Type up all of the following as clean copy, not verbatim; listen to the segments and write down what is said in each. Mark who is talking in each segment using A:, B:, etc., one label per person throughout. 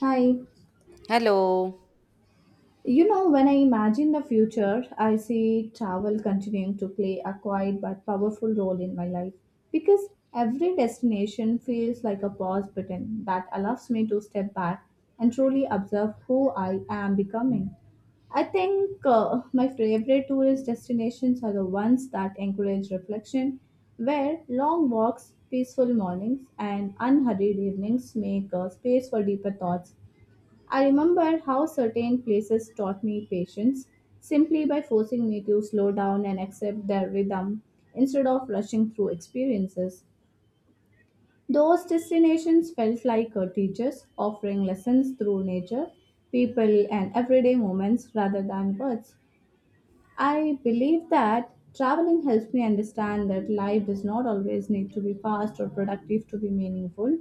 A: Hi.
B: Hello.
A: You know, when I imagine the future, I see travel continuing to play a quiet but powerful role in my life because every destination feels like a pause button that allows me to step back and truly observe who I am becoming. I think my favorite tourist destinations are the ones that encourage reflection, where long walks, peaceful mornings, and unhurried evenings make space for deeper thoughts. I remember how certain places taught me patience simply by forcing me to slow down and accept their rhythm instead of rushing through experiences. Those destinations felt like teachers offering lessons through nature, people, and everyday moments rather than words. I believe that traveling helps me understand that life does not always need to be fast or productive to be meaningful.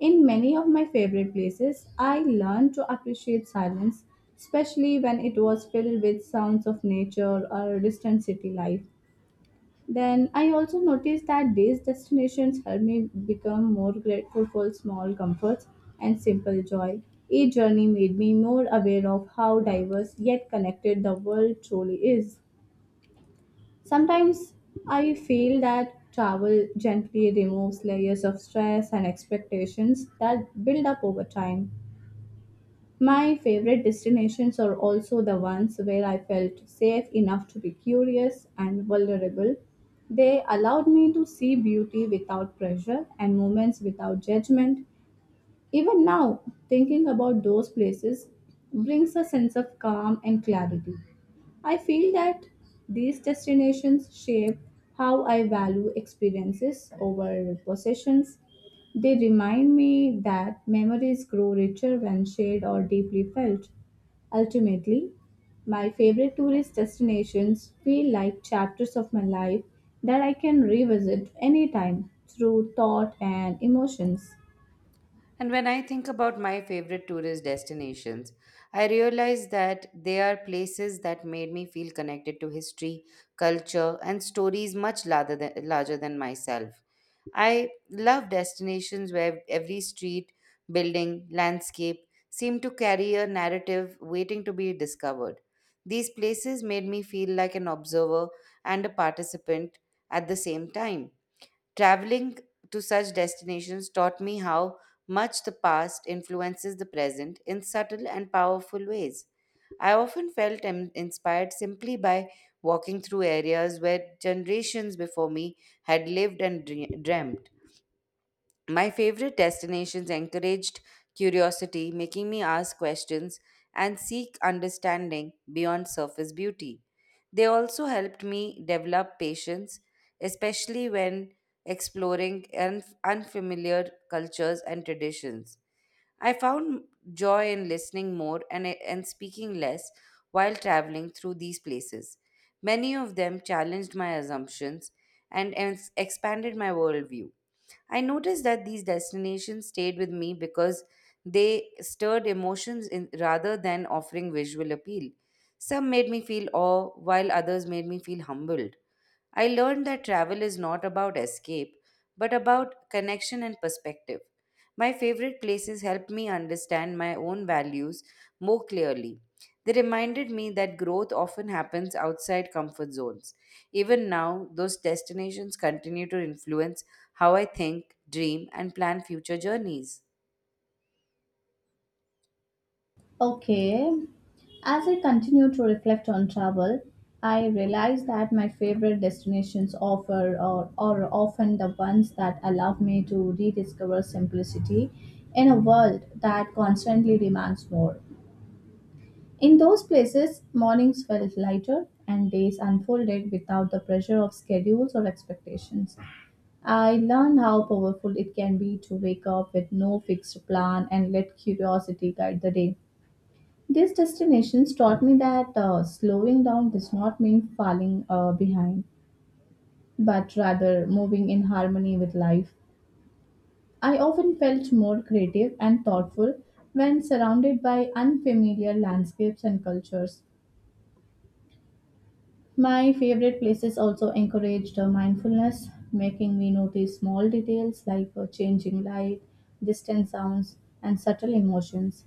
A: In many of my favorite places, I learned to appreciate silence, especially when it was filled with sounds of nature or distant city life. Then I also noticed that these destinations help me become more grateful for small comforts and simple joy. Each journey made me more aware of how diverse yet connected the world truly is. Sometimes I feel that travel gently removes layers of stress and expectations that build up over time. My favorite destinations are also the ones where I felt safe enough to be curious and vulnerable. They allowed me to see beauty without pressure and moments without judgment. Even now, thinking about those places brings a sense of calm and clarity. I feel that these destinations shape how I value experiences over possessions. They remind me that memories grow richer when shared or deeply felt. Ultimately, my favorite tourist destinations feel like chapters of my life that I can revisit anytime through thought and emotions.
B: And when I think about my favorite tourist destinations, I realize that they are places that made me feel connected to history, culture, and stories much larger than myself. I love destinations where every street, building, landscape seem to carry a narrative waiting to be discovered. These places made me feel like an observer and a participant at the same time. Traveling to such destinations taught me how much the past influences the present in subtle and powerful ways. I often felt inspired simply by walking through areas where generations before me had lived and dreamt. My favorite destinations encouraged curiosity, making me ask questions and seek understanding beyond surface beauty. They also helped me develop patience, especially when exploring unfamiliar cultures and traditions. I found joy in listening more and speaking less while traveling through these places. Many of them challenged my assumptions and expanded my worldview. I noticed that these destinations stayed with me because they stirred emotions, rather than offering visual appeal. Some made me feel awe, while others made me feel humbled. I learned that travel is not about escape, but about connection and perspective. My favorite places helped me understand my own values more clearly. They reminded me that growth often happens outside comfort zones. Even now, those destinations continue to influence how I think, dream, and plan future journeys.
A: Okay. As I continue to reflect on travel, I realize that my favorite destinations offer or are often the ones that allow me to rediscover simplicity in a world that constantly demands more. In those places, mornings felt lighter and days unfolded without the pressure of schedules or expectations. I learned how powerful it can be to wake up with no fixed plan and let curiosity guide the day. These destinations taught me that slowing down does not mean falling behind, but rather moving in harmony with life. I often felt more creative and thoughtful when surrounded by unfamiliar landscapes and cultures. My favorite places also encouraged mindfulness, making me notice small details like changing light, distant sounds, and subtle emotions.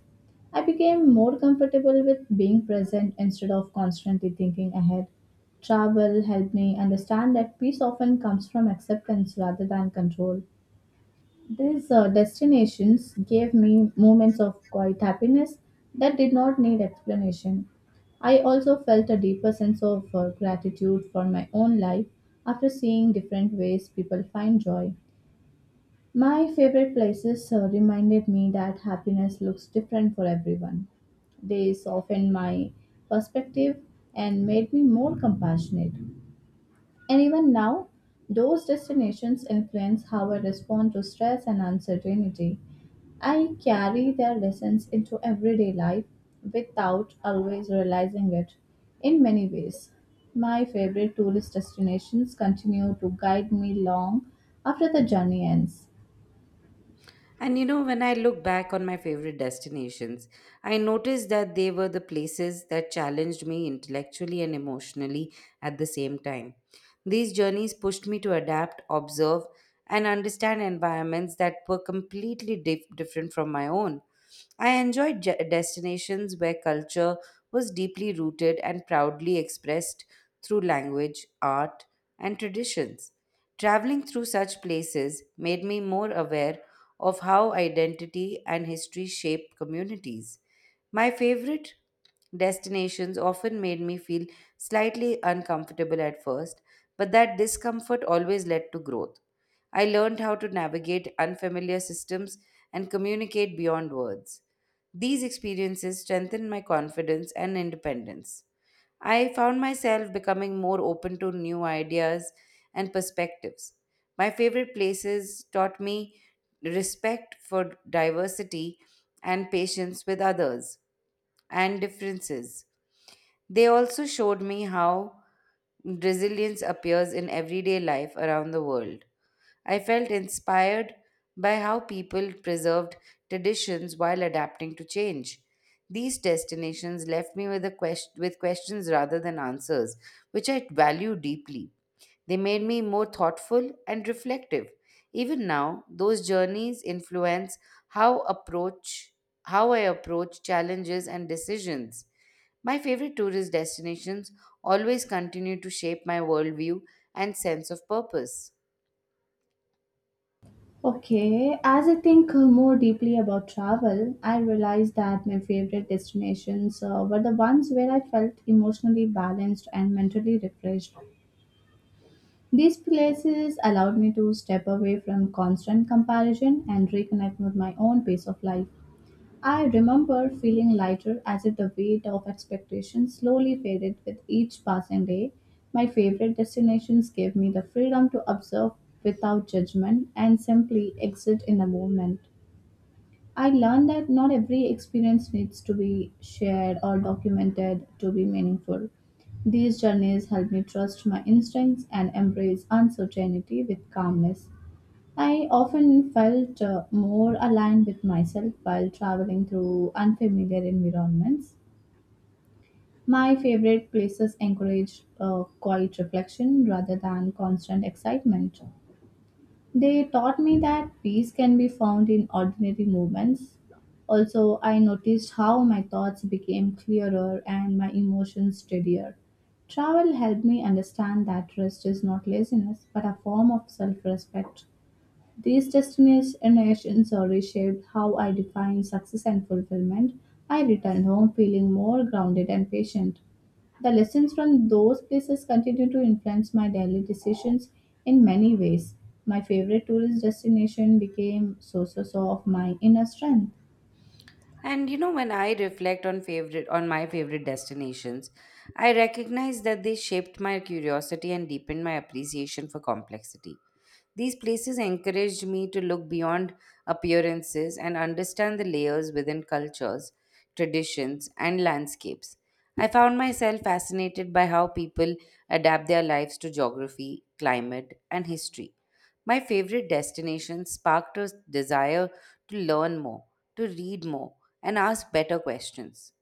A: I became more comfortable with being present instead of constantly thinking ahead. Travel helped me understand that peace often comes from acceptance rather than control. These destinations gave me moments of quiet happiness that did not need explanation. I also felt a deeper sense of gratitude for my own life after seeing different ways people find joy. My favorite places reminded me that happiness looks different for everyone. They softened my perspective and made me more compassionate. And even now, those destinations influence how I respond to stress and uncertainty. I carry their lessons into everyday life without always realizing it in many ways. My favorite tourist destinations continue to guide me long after the journey ends.
B: And when I look back on my favorite destinations, I noticed that they were the places that challenged me intellectually and emotionally at the same time. These journeys pushed me to adapt, observe, and understand environments that were completely different from my own. I enjoyed destinations where culture was deeply rooted and proudly expressed through language, art, and traditions. Traveling through such places made me more aware of how identity and history shape communities. My favorite destinations often made me feel slightly uncomfortable at first, but that discomfort always led to growth. I learned how to navigate unfamiliar systems and communicate beyond words. These experiences strengthened my confidence and independence. I found myself becoming more open to new ideas and perspectives. My favorite places taught me respect for diversity and patience with others and differences. They also showed me how resilience appears in everyday life around the world. I felt inspired by how people preserved traditions while adapting to change. These destinations left me with questions rather than answers, which I value deeply. They made me more thoughtful and reflective. Even now, those journeys influence how approach how I approach challenges and decisions. My favorite tourist destinations always continue to shape my worldview and sense of purpose.
A: Okay, as I think more deeply about travel, I realized that my favorite destinations were the ones where I felt emotionally balanced and mentally refreshed. These places allowed me to step away from constant comparison and reconnect with my own pace of life. I remember feeling lighter as if the weight of expectations slowly faded with each passing day. My favorite destinations gave me the freedom to observe without judgment and simply exist in the moment. I learned that not every experience needs to be shared or documented to be meaningful. These journeys help me trust my instincts and embrace uncertainty with calmness. I often felt more aligned with myself while traveling through unfamiliar environments. My favorite places encourage quiet reflection rather than constant excitement. They taught me that peace can be found in ordinary moments. Also, I noticed how my thoughts became clearer and my emotions steadier. Travel helped me understand that rest is not laziness but a form of self respect. These destinations reshaped how I define success and fulfillment. I returned home feeling more grounded and patient. The lessons from those places continue to influence my daily decisions in many ways. My favorite tourist destination became sources of my inner strength.
B: And when I reflect on my favorite destinations, I recognize that they shaped my curiosity and deepened my appreciation for complexity. These places encouraged me to look beyond appearances and understand the layers within cultures, traditions, and landscapes. I found myself fascinated by how people adapt their lives to geography, climate, and history. My favorite destination sparked a desire to learn more, to read more, and ask better questions.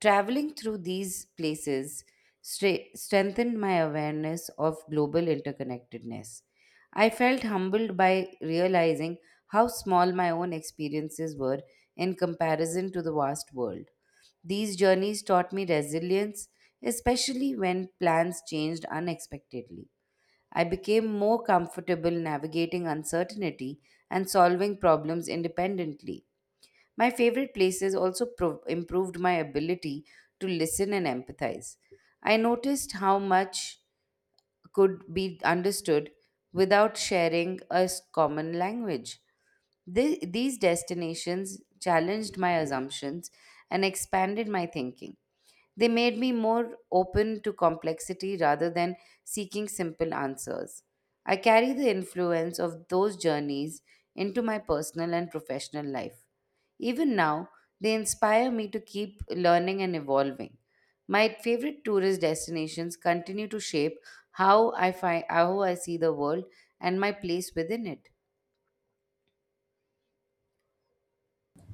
B: Traveling through these places strengthened my awareness of global interconnectedness. I felt humbled by realizing how small my own experiences were in comparison to the vast world. These journeys taught me resilience, especially when plans changed unexpectedly. I became more comfortable navigating uncertainty and solving problems independently. My favorite places also improved my ability to listen and empathize. I noticed how much could be understood without sharing a common language. These destinations challenged my assumptions and expanded my thinking. They made me more open to complexity rather than seeking simple answers. I carry the influence of those journeys into my personal and professional life. Even now, they inspire me to keep learning and evolving. My favorite tourist destinations continue to shape how I see the world and my place within it.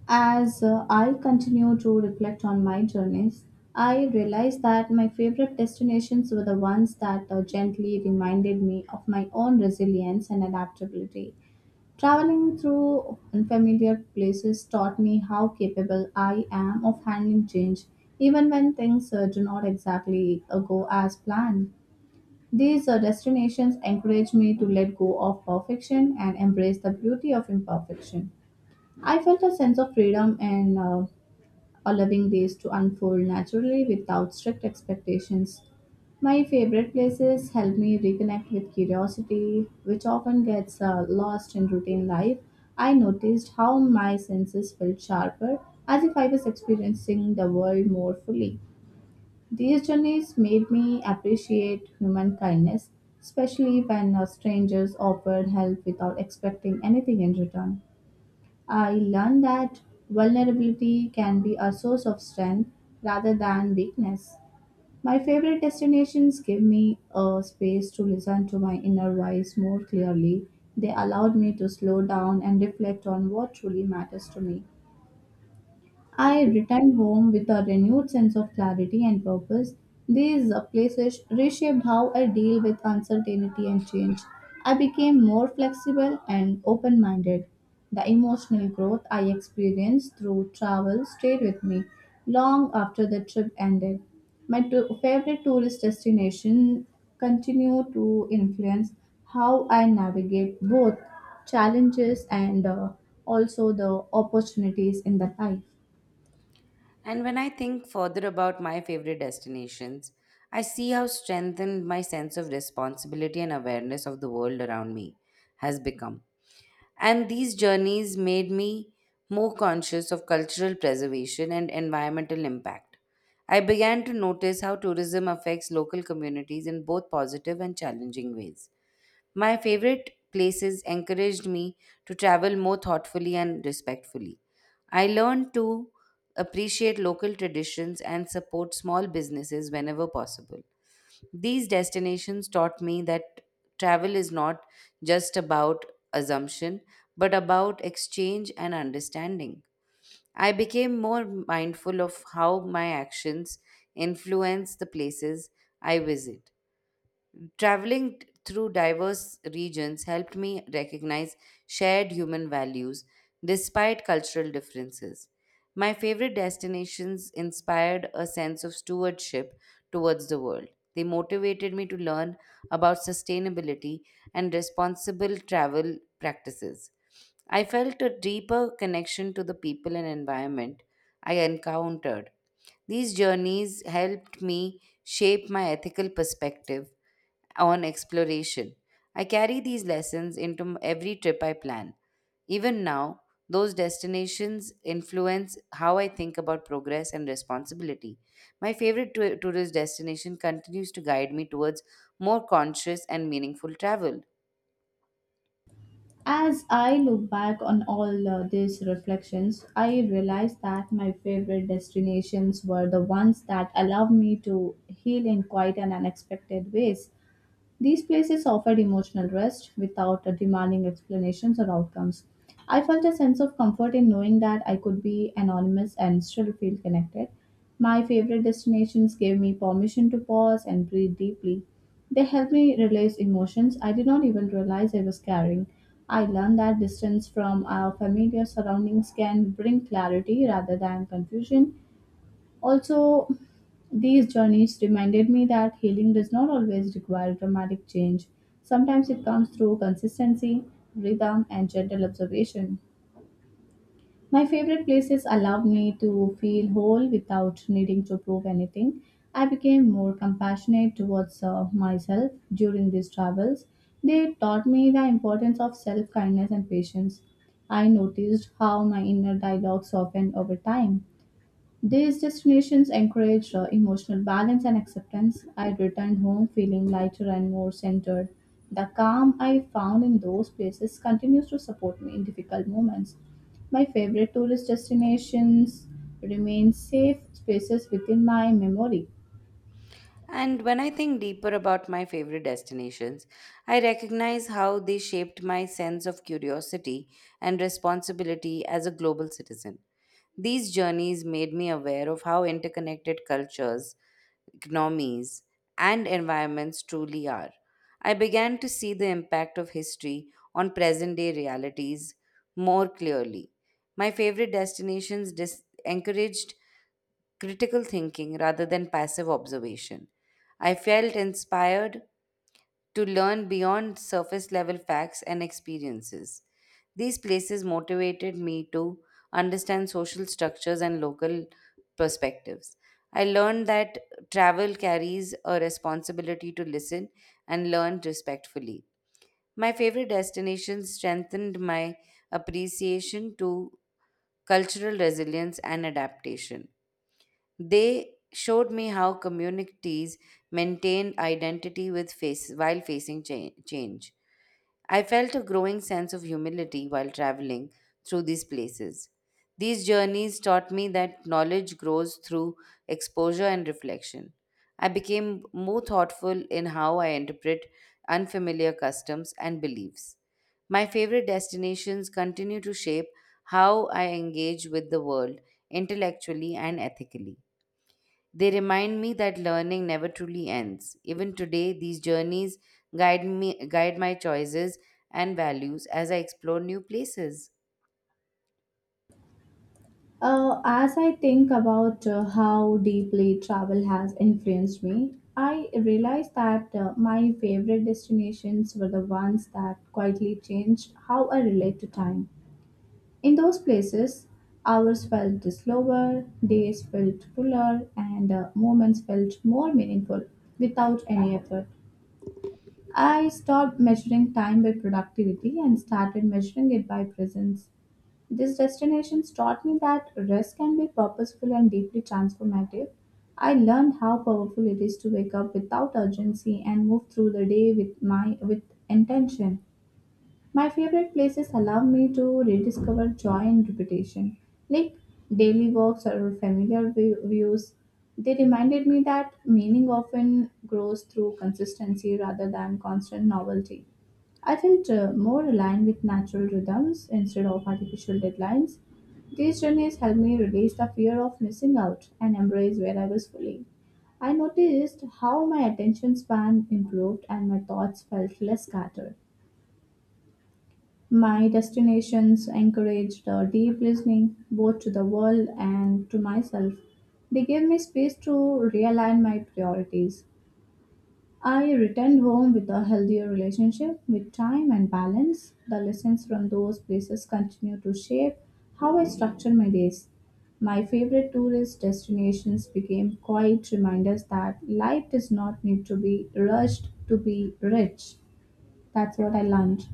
A: As I continue to reflect on my journeys, I realized that my favorite destinations were the ones that gently reminded me of my own resilience and adaptability. Traveling through unfamiliar places taught me how capable I am of handling change, even when things do not exactly go as planned. These destinations encourage me to let go of perfection and embrace the beauty of imperfection. I felt a sense of freedom and allowing days to unfold naturally without strict expectations. My favorite places help me reconnect with curiosity, which often gets lost in routine life. I noticed how my senses felt sharper, as if I was experiencing the world more fully. These journeys made me appreciate human kindness, especially when strangers offered help without expecting anything in return. I learned that vulnerability can be a source of strength rather than weakness. My favorite destinations give me a space to listen to my inner voice more clearly. They allowed me to slow down and reflect on what truly matters to me. I returned home with a renewed sense of clarity and purpose. These places reshaped how I deal with uncertainty and change. I became more flexible and open minded. The emotional growth I experienced through travel stayed with me long after the trip ended. My favorite tourist destination continue to influence how I navigate both challenges and also the opportunities in the life.
B: And when I think further about my favorite destinations, I see how strengthened my sense of responsibility and awareness of the world around me has become. And these journeys made me more conscious of cultural preservation and environmental impact. I began to notice how tourism affects local communities in both positive and challenging ways. My favorite places encouraged me to travel more thoughtfully and respectfully. I learned to appreciate local traditions and support small businesses whenever possible. These destinations taught me that travel is not just about assumption, but about exchange and understanding. I became more mindful of how my actions influence the places I visit. Traveling through diverse regions helped me recognize shared human values despite cultural differences. My favorite destinations inspired a sense of stewardship towards the world. They motivated me to learn about sustainability and responsible travel practices. I felt a deeper connection to the people and environment I encountered. These journeys helped me shape my ethical perspective on exploration. I carry these lessons into every trip I plan. Even now, those destinations influence how I think about progress and responsibility. My favorite tourist destination continues to guide me towards more conscious and meaningful travel.
A: As I look back on all these reflections, I realize that my favorite destinations were the ones that allowed me to heal in quite an unexpected ways. These places offered emotional rest without demanding explanations or outcomes. I felt a sense of comfort in knowing that I could be anonymous and still feel connected. My favorite destinations gave me permission to pause and breathe deeply. They helped me release emotions I did not even realize I was carrying. I learned that distance from our familiar surroundings can bring clarity rather than confusion. Also, these journeys reminded me that healing does not always require dramatic change. Sometimes it comes through consistency, rhythm, and gentle observation. My favorite places allowed me to feel whole without needing to prove anything. I became more compassionate towards myself during these travels. They taught me the importance of self kindness and patience. I noticed how my inner dialogue softened over time. These destinations encouraged emotional balance and acceptance. I returned home feeling lighter and more centered. The calm I found in those places continues to support me in difficult moments. My favorite tourist destinations remain safe spaces within my memory.
B: And when I think deeper about my favorite destinations, I recognize how they shaped my sense of curiosity and responsibility as a global citizen. These journeys made me aware of how interconnected cultures, economies, and environments truly are. I began to see the impact of history on present day realities more clearly. My favorite destinations encouraged critical thinking rather than passive observation. I felt inspired to learn beyond surface level facts and experiences. These places motivated me to understand social structures and local perspectives. I learned that travel carries a responsibility to listen and learn respectfully. My favorite destinations strengthened my appreciation to cultural resilience and adaptation. They showed me how communities maintained identity while facing change. I felt a growing sense of humility while traveling through these places. These journeys taught me that knowledge grows through exposure and reflection. I became more thoughtful in how I interpret unfamiliar customs and beliefs. My favorite destinations continue to shape how I engage with the world intellectually and ethically. They remind me that learning never truly ends. Even today, these journeys guide my choices and values as I explore new places.
A: As I think about how deeply travel has influenced me, I realized that my favorite destinations were the ones that quietly changed how I relate to time. In those places, hours felt slower, days felt fuller, and moments felt more meaningful without any effort. I stopped measuring time by productivity and started measuring it by presence. These destinations taught me that rest can be purposeful and deeply transformative. I learned how powerful it is to wake up without urgency and move through the day with intention. My favorite places allow me to rediscover joy and repetition. Like daily walks or views, they reminded me that meaning often grows through consistency rather than constant novelty. I felt more aligned with natural rhythms instead of artificial deadlines. These journeys helped me release the fear of missing out and embrace where I was fully. I noticed how my attention span improved and my thoughts felt less scattered. My destinations encouraged deep listening, both to the world and to myself. They gave me space to realign my priorities. I returned home with a healthier relationship with time and balance. The lessons from those places continue to shape how I structure my days. My favorite tourist destinations became quiet reminders that life does not need to be rushed to be rich. That's what I learned.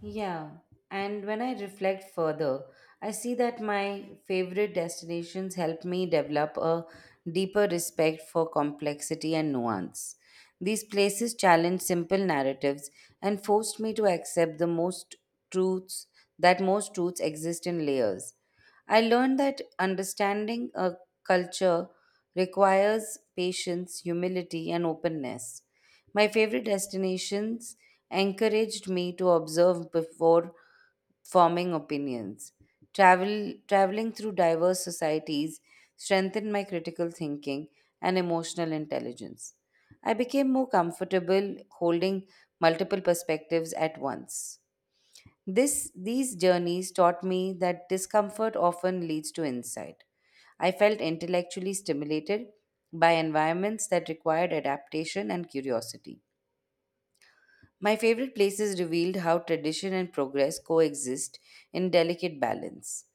B: Yeah, and when I reflect further, I see that my favorite destinations help me develop a deeper respect for complexity and nuance. These places challenge simple narratives and forced me to accept the most truths that most truths exist in layers. I learned that understanding a culture requires patience, humility, and openness. My favorite destinations encouraged me to observe before forming opinions. Traveling through diverse societies strengthened my critical thinking and emotional intelligence. I became more comfortable holding multiple perspectives at once. These journeys taught me that discomfort often leads to insight. I felt intellectually stimulated by environments that required adaptation and curiosity. My favorite places revealed how tradition and progress coexist in delicate balance.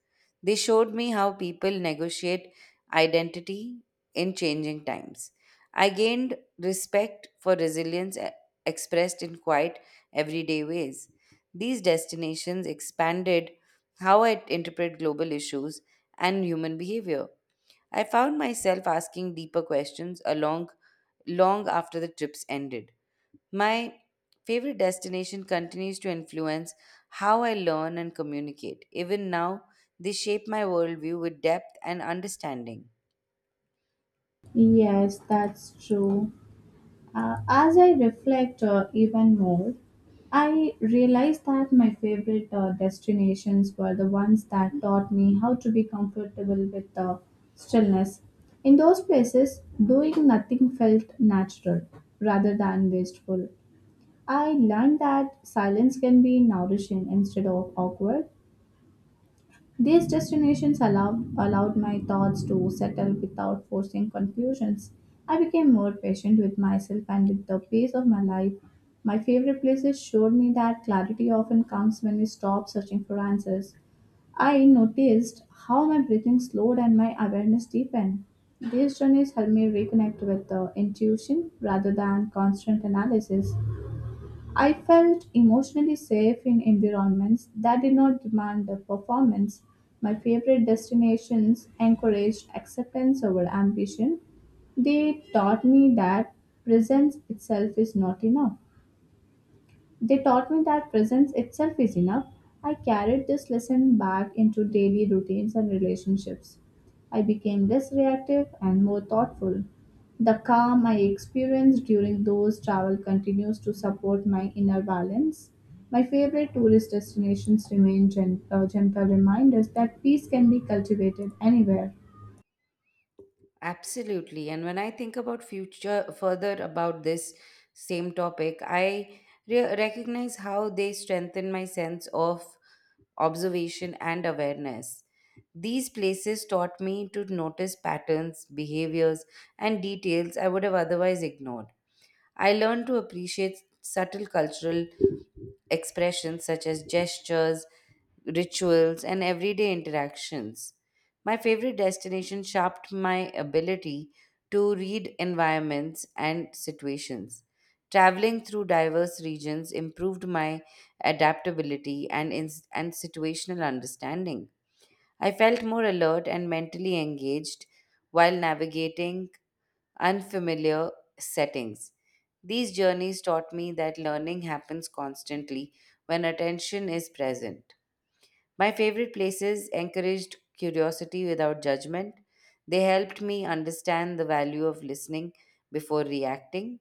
B: They showed me how people negotiate identity in changing times. I gained respect for resilience expressed in quiet, everyday ways. These destinations expanded how I interpret global issues and human behavior. I found myself asking deeper questions along long after the trips ended. My favorite destination continues to influence how I learn and communicate. Even now, they shape my worldview with depth and understanding.
A: Yes, that's true. As I reflect even more, I realized that my favorite destinations were the ones that taught me how to be comfortable with stillness. In those places, doing nothing felt natural rather than wasteful. I learned that silence can be nourishing instead of awkward. These destinations allowed my thoughts to settle without forcing conclusions. I became more patient with myself and with the pace of my life. My favorite places showed me that clarity often comes when we stop searching for answers. I noticed how my breathing slowed and my awareness deepened. These journeys helped me reconnect with the intuition rather than constant analysis. I felt emotionally safe in environments that did not demand a performance. My favorite destinations encouraged acceptance over ambition. They taught me that presence itself is not enough. They taught me that presence itself is enough. I carried this lesson back into daily routines and relationships. I became less reactive and more thoughtful. The calm I experienced during those travel continues to support my inner balance. My favorite tourist destinations remain gentle reminders that peace can be cultivated anywhere.
B: Absolutely. And when I think about future further about this same topic, I recognize how they strengthen my sense of observation and awareness. These places taught me to notice patterns, behaviors, and details I would have otherwise ignored. I learned to appreciate subtle cultural expressions such as gestures, rituals, and everyday interactions. My favorite destination sharpened my ability to read environments and situations. Traveling through diverse regions improved my adaptability and situational understanding. I felt more alert and mentally engaged while navigating unfamiliar settings. These journeys taught me that learning happens constantly when attention is present. My favorite places encouraged curiosity without judgment. They helped me understand the value of listening before reacting.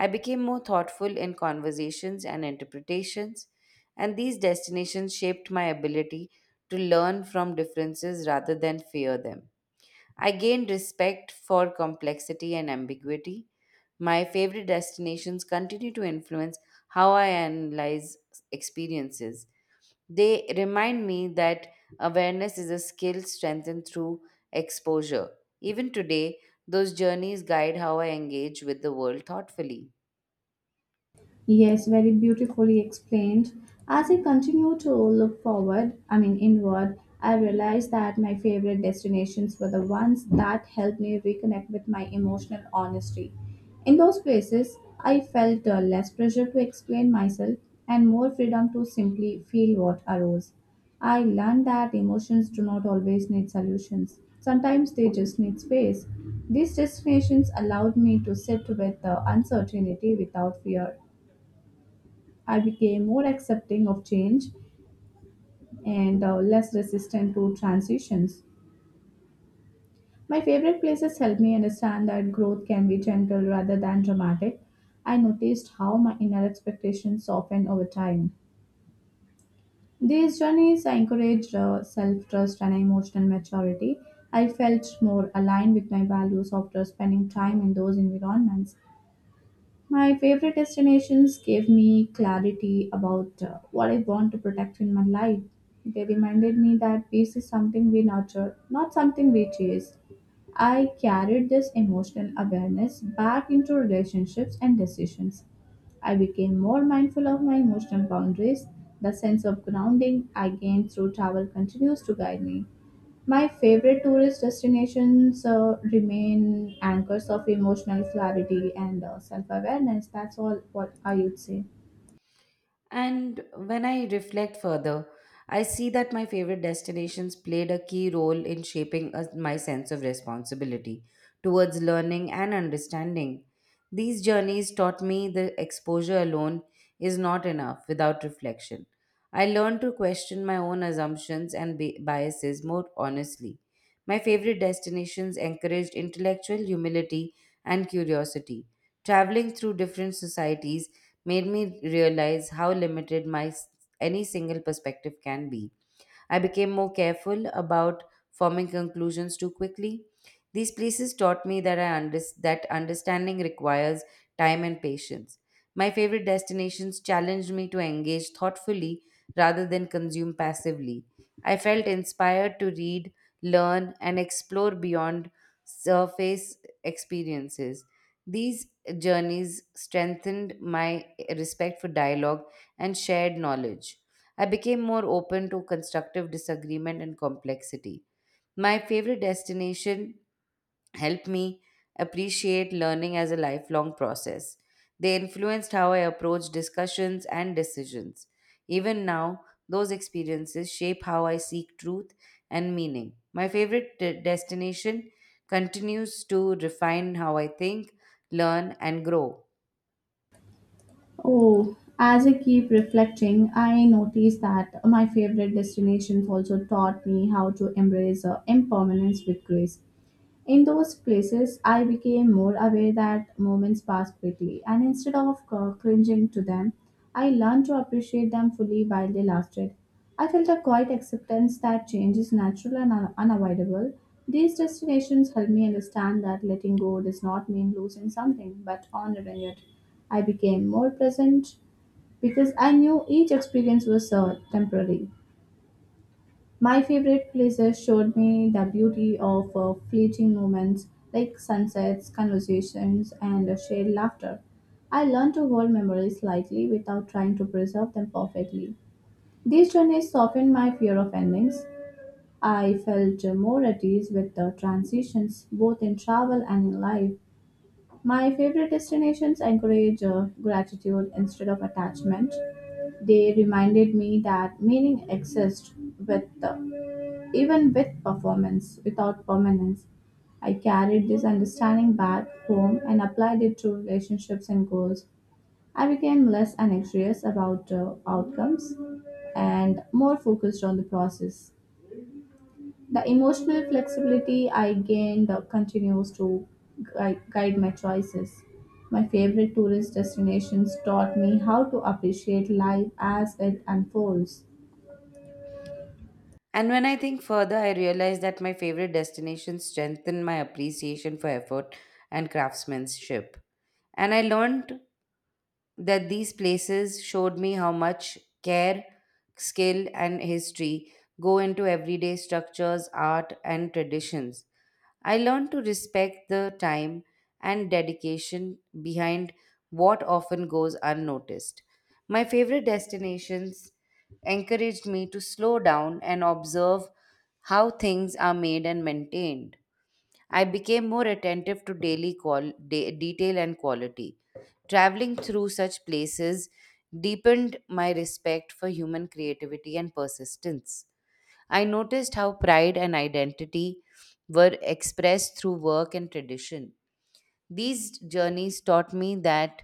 B: I became more thoughtful in conversations and interpretations, and these destinations shaped my ability to learn from differences rather than fear them. I gained respect for complexity and ambiguity. My favorite destinations continue to influence how I analyze experiences. They remind me that awareness is a skill strengthened through exposure. Even today, those journeys guide how I engage with the world thoughtfully.
A: Yes, very beautifully explained. As I continue to look forward, I mean inward, I realized that my favorite destinations were the ones that helped me reconnect with my emotional honesty. In those places, I felt less pressure to explain myself and more freedom to simply feel what arose. I learned that emotions do not always need solutions. Sometimes they just need space. These destinations allowed me to sit with the uncertainty without fear. I became more accepting of change and less resistant to transitions. My favorite places helped me understand that growth can be gentle rather than dramatic. I noticed how my inner expectations softened over time. These journeys encouraged self trust and emotional maturity. I felt more aligned with my values after spending time in those environments. My favorite destinations gave me clarity about what I want to protect in my life. They reminded me that peace is something we nurture, not something we chase. I carried this emotional awareness back into relationships and decisions. I became more mindful of my emotional boundaries. The sense of grounding I gained through travel continues to guide me. My favorite tourist destinations remain anchors of emotional clarity and self awareness. That's all what I would say.
B: And when I reflect further, I see that my favorite destinations played a key role in shaping us my sense of responsibility towards learning and understanding. These journeys taught me that exposure alone is not enough without reflection. I learned to question my own assumptions and biases more honestly. My favorite destinations encouraged intellectual humility and curiosity. Traveling through different societies made me realize how limited any single perspective can be. I became more careful about forming conclusions too quickly. These places taught me that understanding requires time and patience. My favorite destinations challenged me to engage thoughtfully rather than consume passively. I felt inspired to read, learn, and explore beyond surface experiences. These journeys strengthened my respect for dialogue and shared knowledge. I became more open to constructive disagreement and complexity. My favorite destination helped me appreciate learning as a lifelong process. They influenced how I approach discussions and decisions. Even now, those experiences shape how I seek truth and meaning. My favorite destination continues to refine how I think, learn, and grow.
A: Oh, as I keep reflecting, I notice that my favorite destinations also taught me how to embrace impermanence with grace. In those places, I became more aware that moments pass quickly, and instead of cringing to them, I learned to appreciate them fully while they lasted. I felt a quiet acceptance that change is natural and unavoidable. These destinations helped me understand that letting go does not mean losing something, but honoring it. I became more present because I knew each experience was temporary. My favorite places showed me the beauty of fleeting moments like sunsets, conversations, and shared laughter. I learned to hold memories lightly without trying to preserve them perfectly. These journeys softened my fear of endings. I felt more at ease with the transitions, both in travel and in life. My favorite destinations encourage gratitude instead of attachment. They reminded me that meaning exists with the even with performance, without permanence. I carried this understanding back home and applied it to relationships and goals. I became less anxious about outcomes and more focused on the process. The emotional flexibility I gained continues to guide my choices. My favorite tourist destinations taught me how to appreciate life as it unfolds.
B: And when I think further, I realize that my favorite destinations strengthen my appreciation for effort and craftsmanship. And I learned that these places showed me how much care, skill, and history go into everyday structures, art, and traditions. I learned to respect the time and dedication behind what often goes unnoticed. My favorite destinations encouraged me to slow down and observe how things are made and maintained. I became more attentive to daily detail and quality. Traveling through such places deepened my respect for human creativity and persistence. I noticed how pride and identity were expressed through work and tradition. These journeys taught me that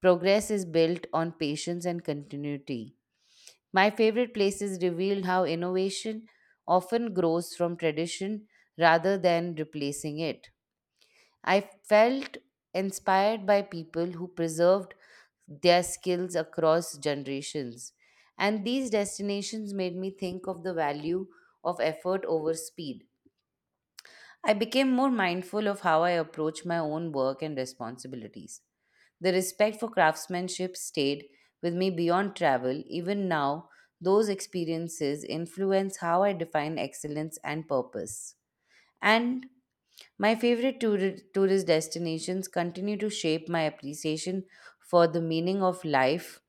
B: progress is built on patience and continuity. My favorite places revealed how innovation often grows from tradition rather than replacing it. I felt inspired by people who preserved their skills across generations. And these destinations made me think of the value of effort over speed. I became more mindful of how I approach my own work and responsibilities. The respect for craftsmanship stayed with me beyond travel. Even now, those experiences influence how I define excellence and purpose. And my favorite tourist destinations continue to shape my appreciation for the meaning of life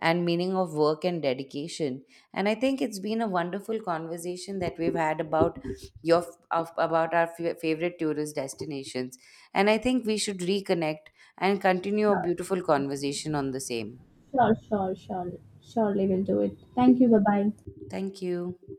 B: and meaning of work and dedication. And I think it's been a wonderful conversation that we've had about our favorite tourist destinations. And I think we should reconnect and continue a beautiful conversation on the same.
A: Sure, sure, sure. Surely we'll do it. Thank you. Bye bye.
B: Thank you.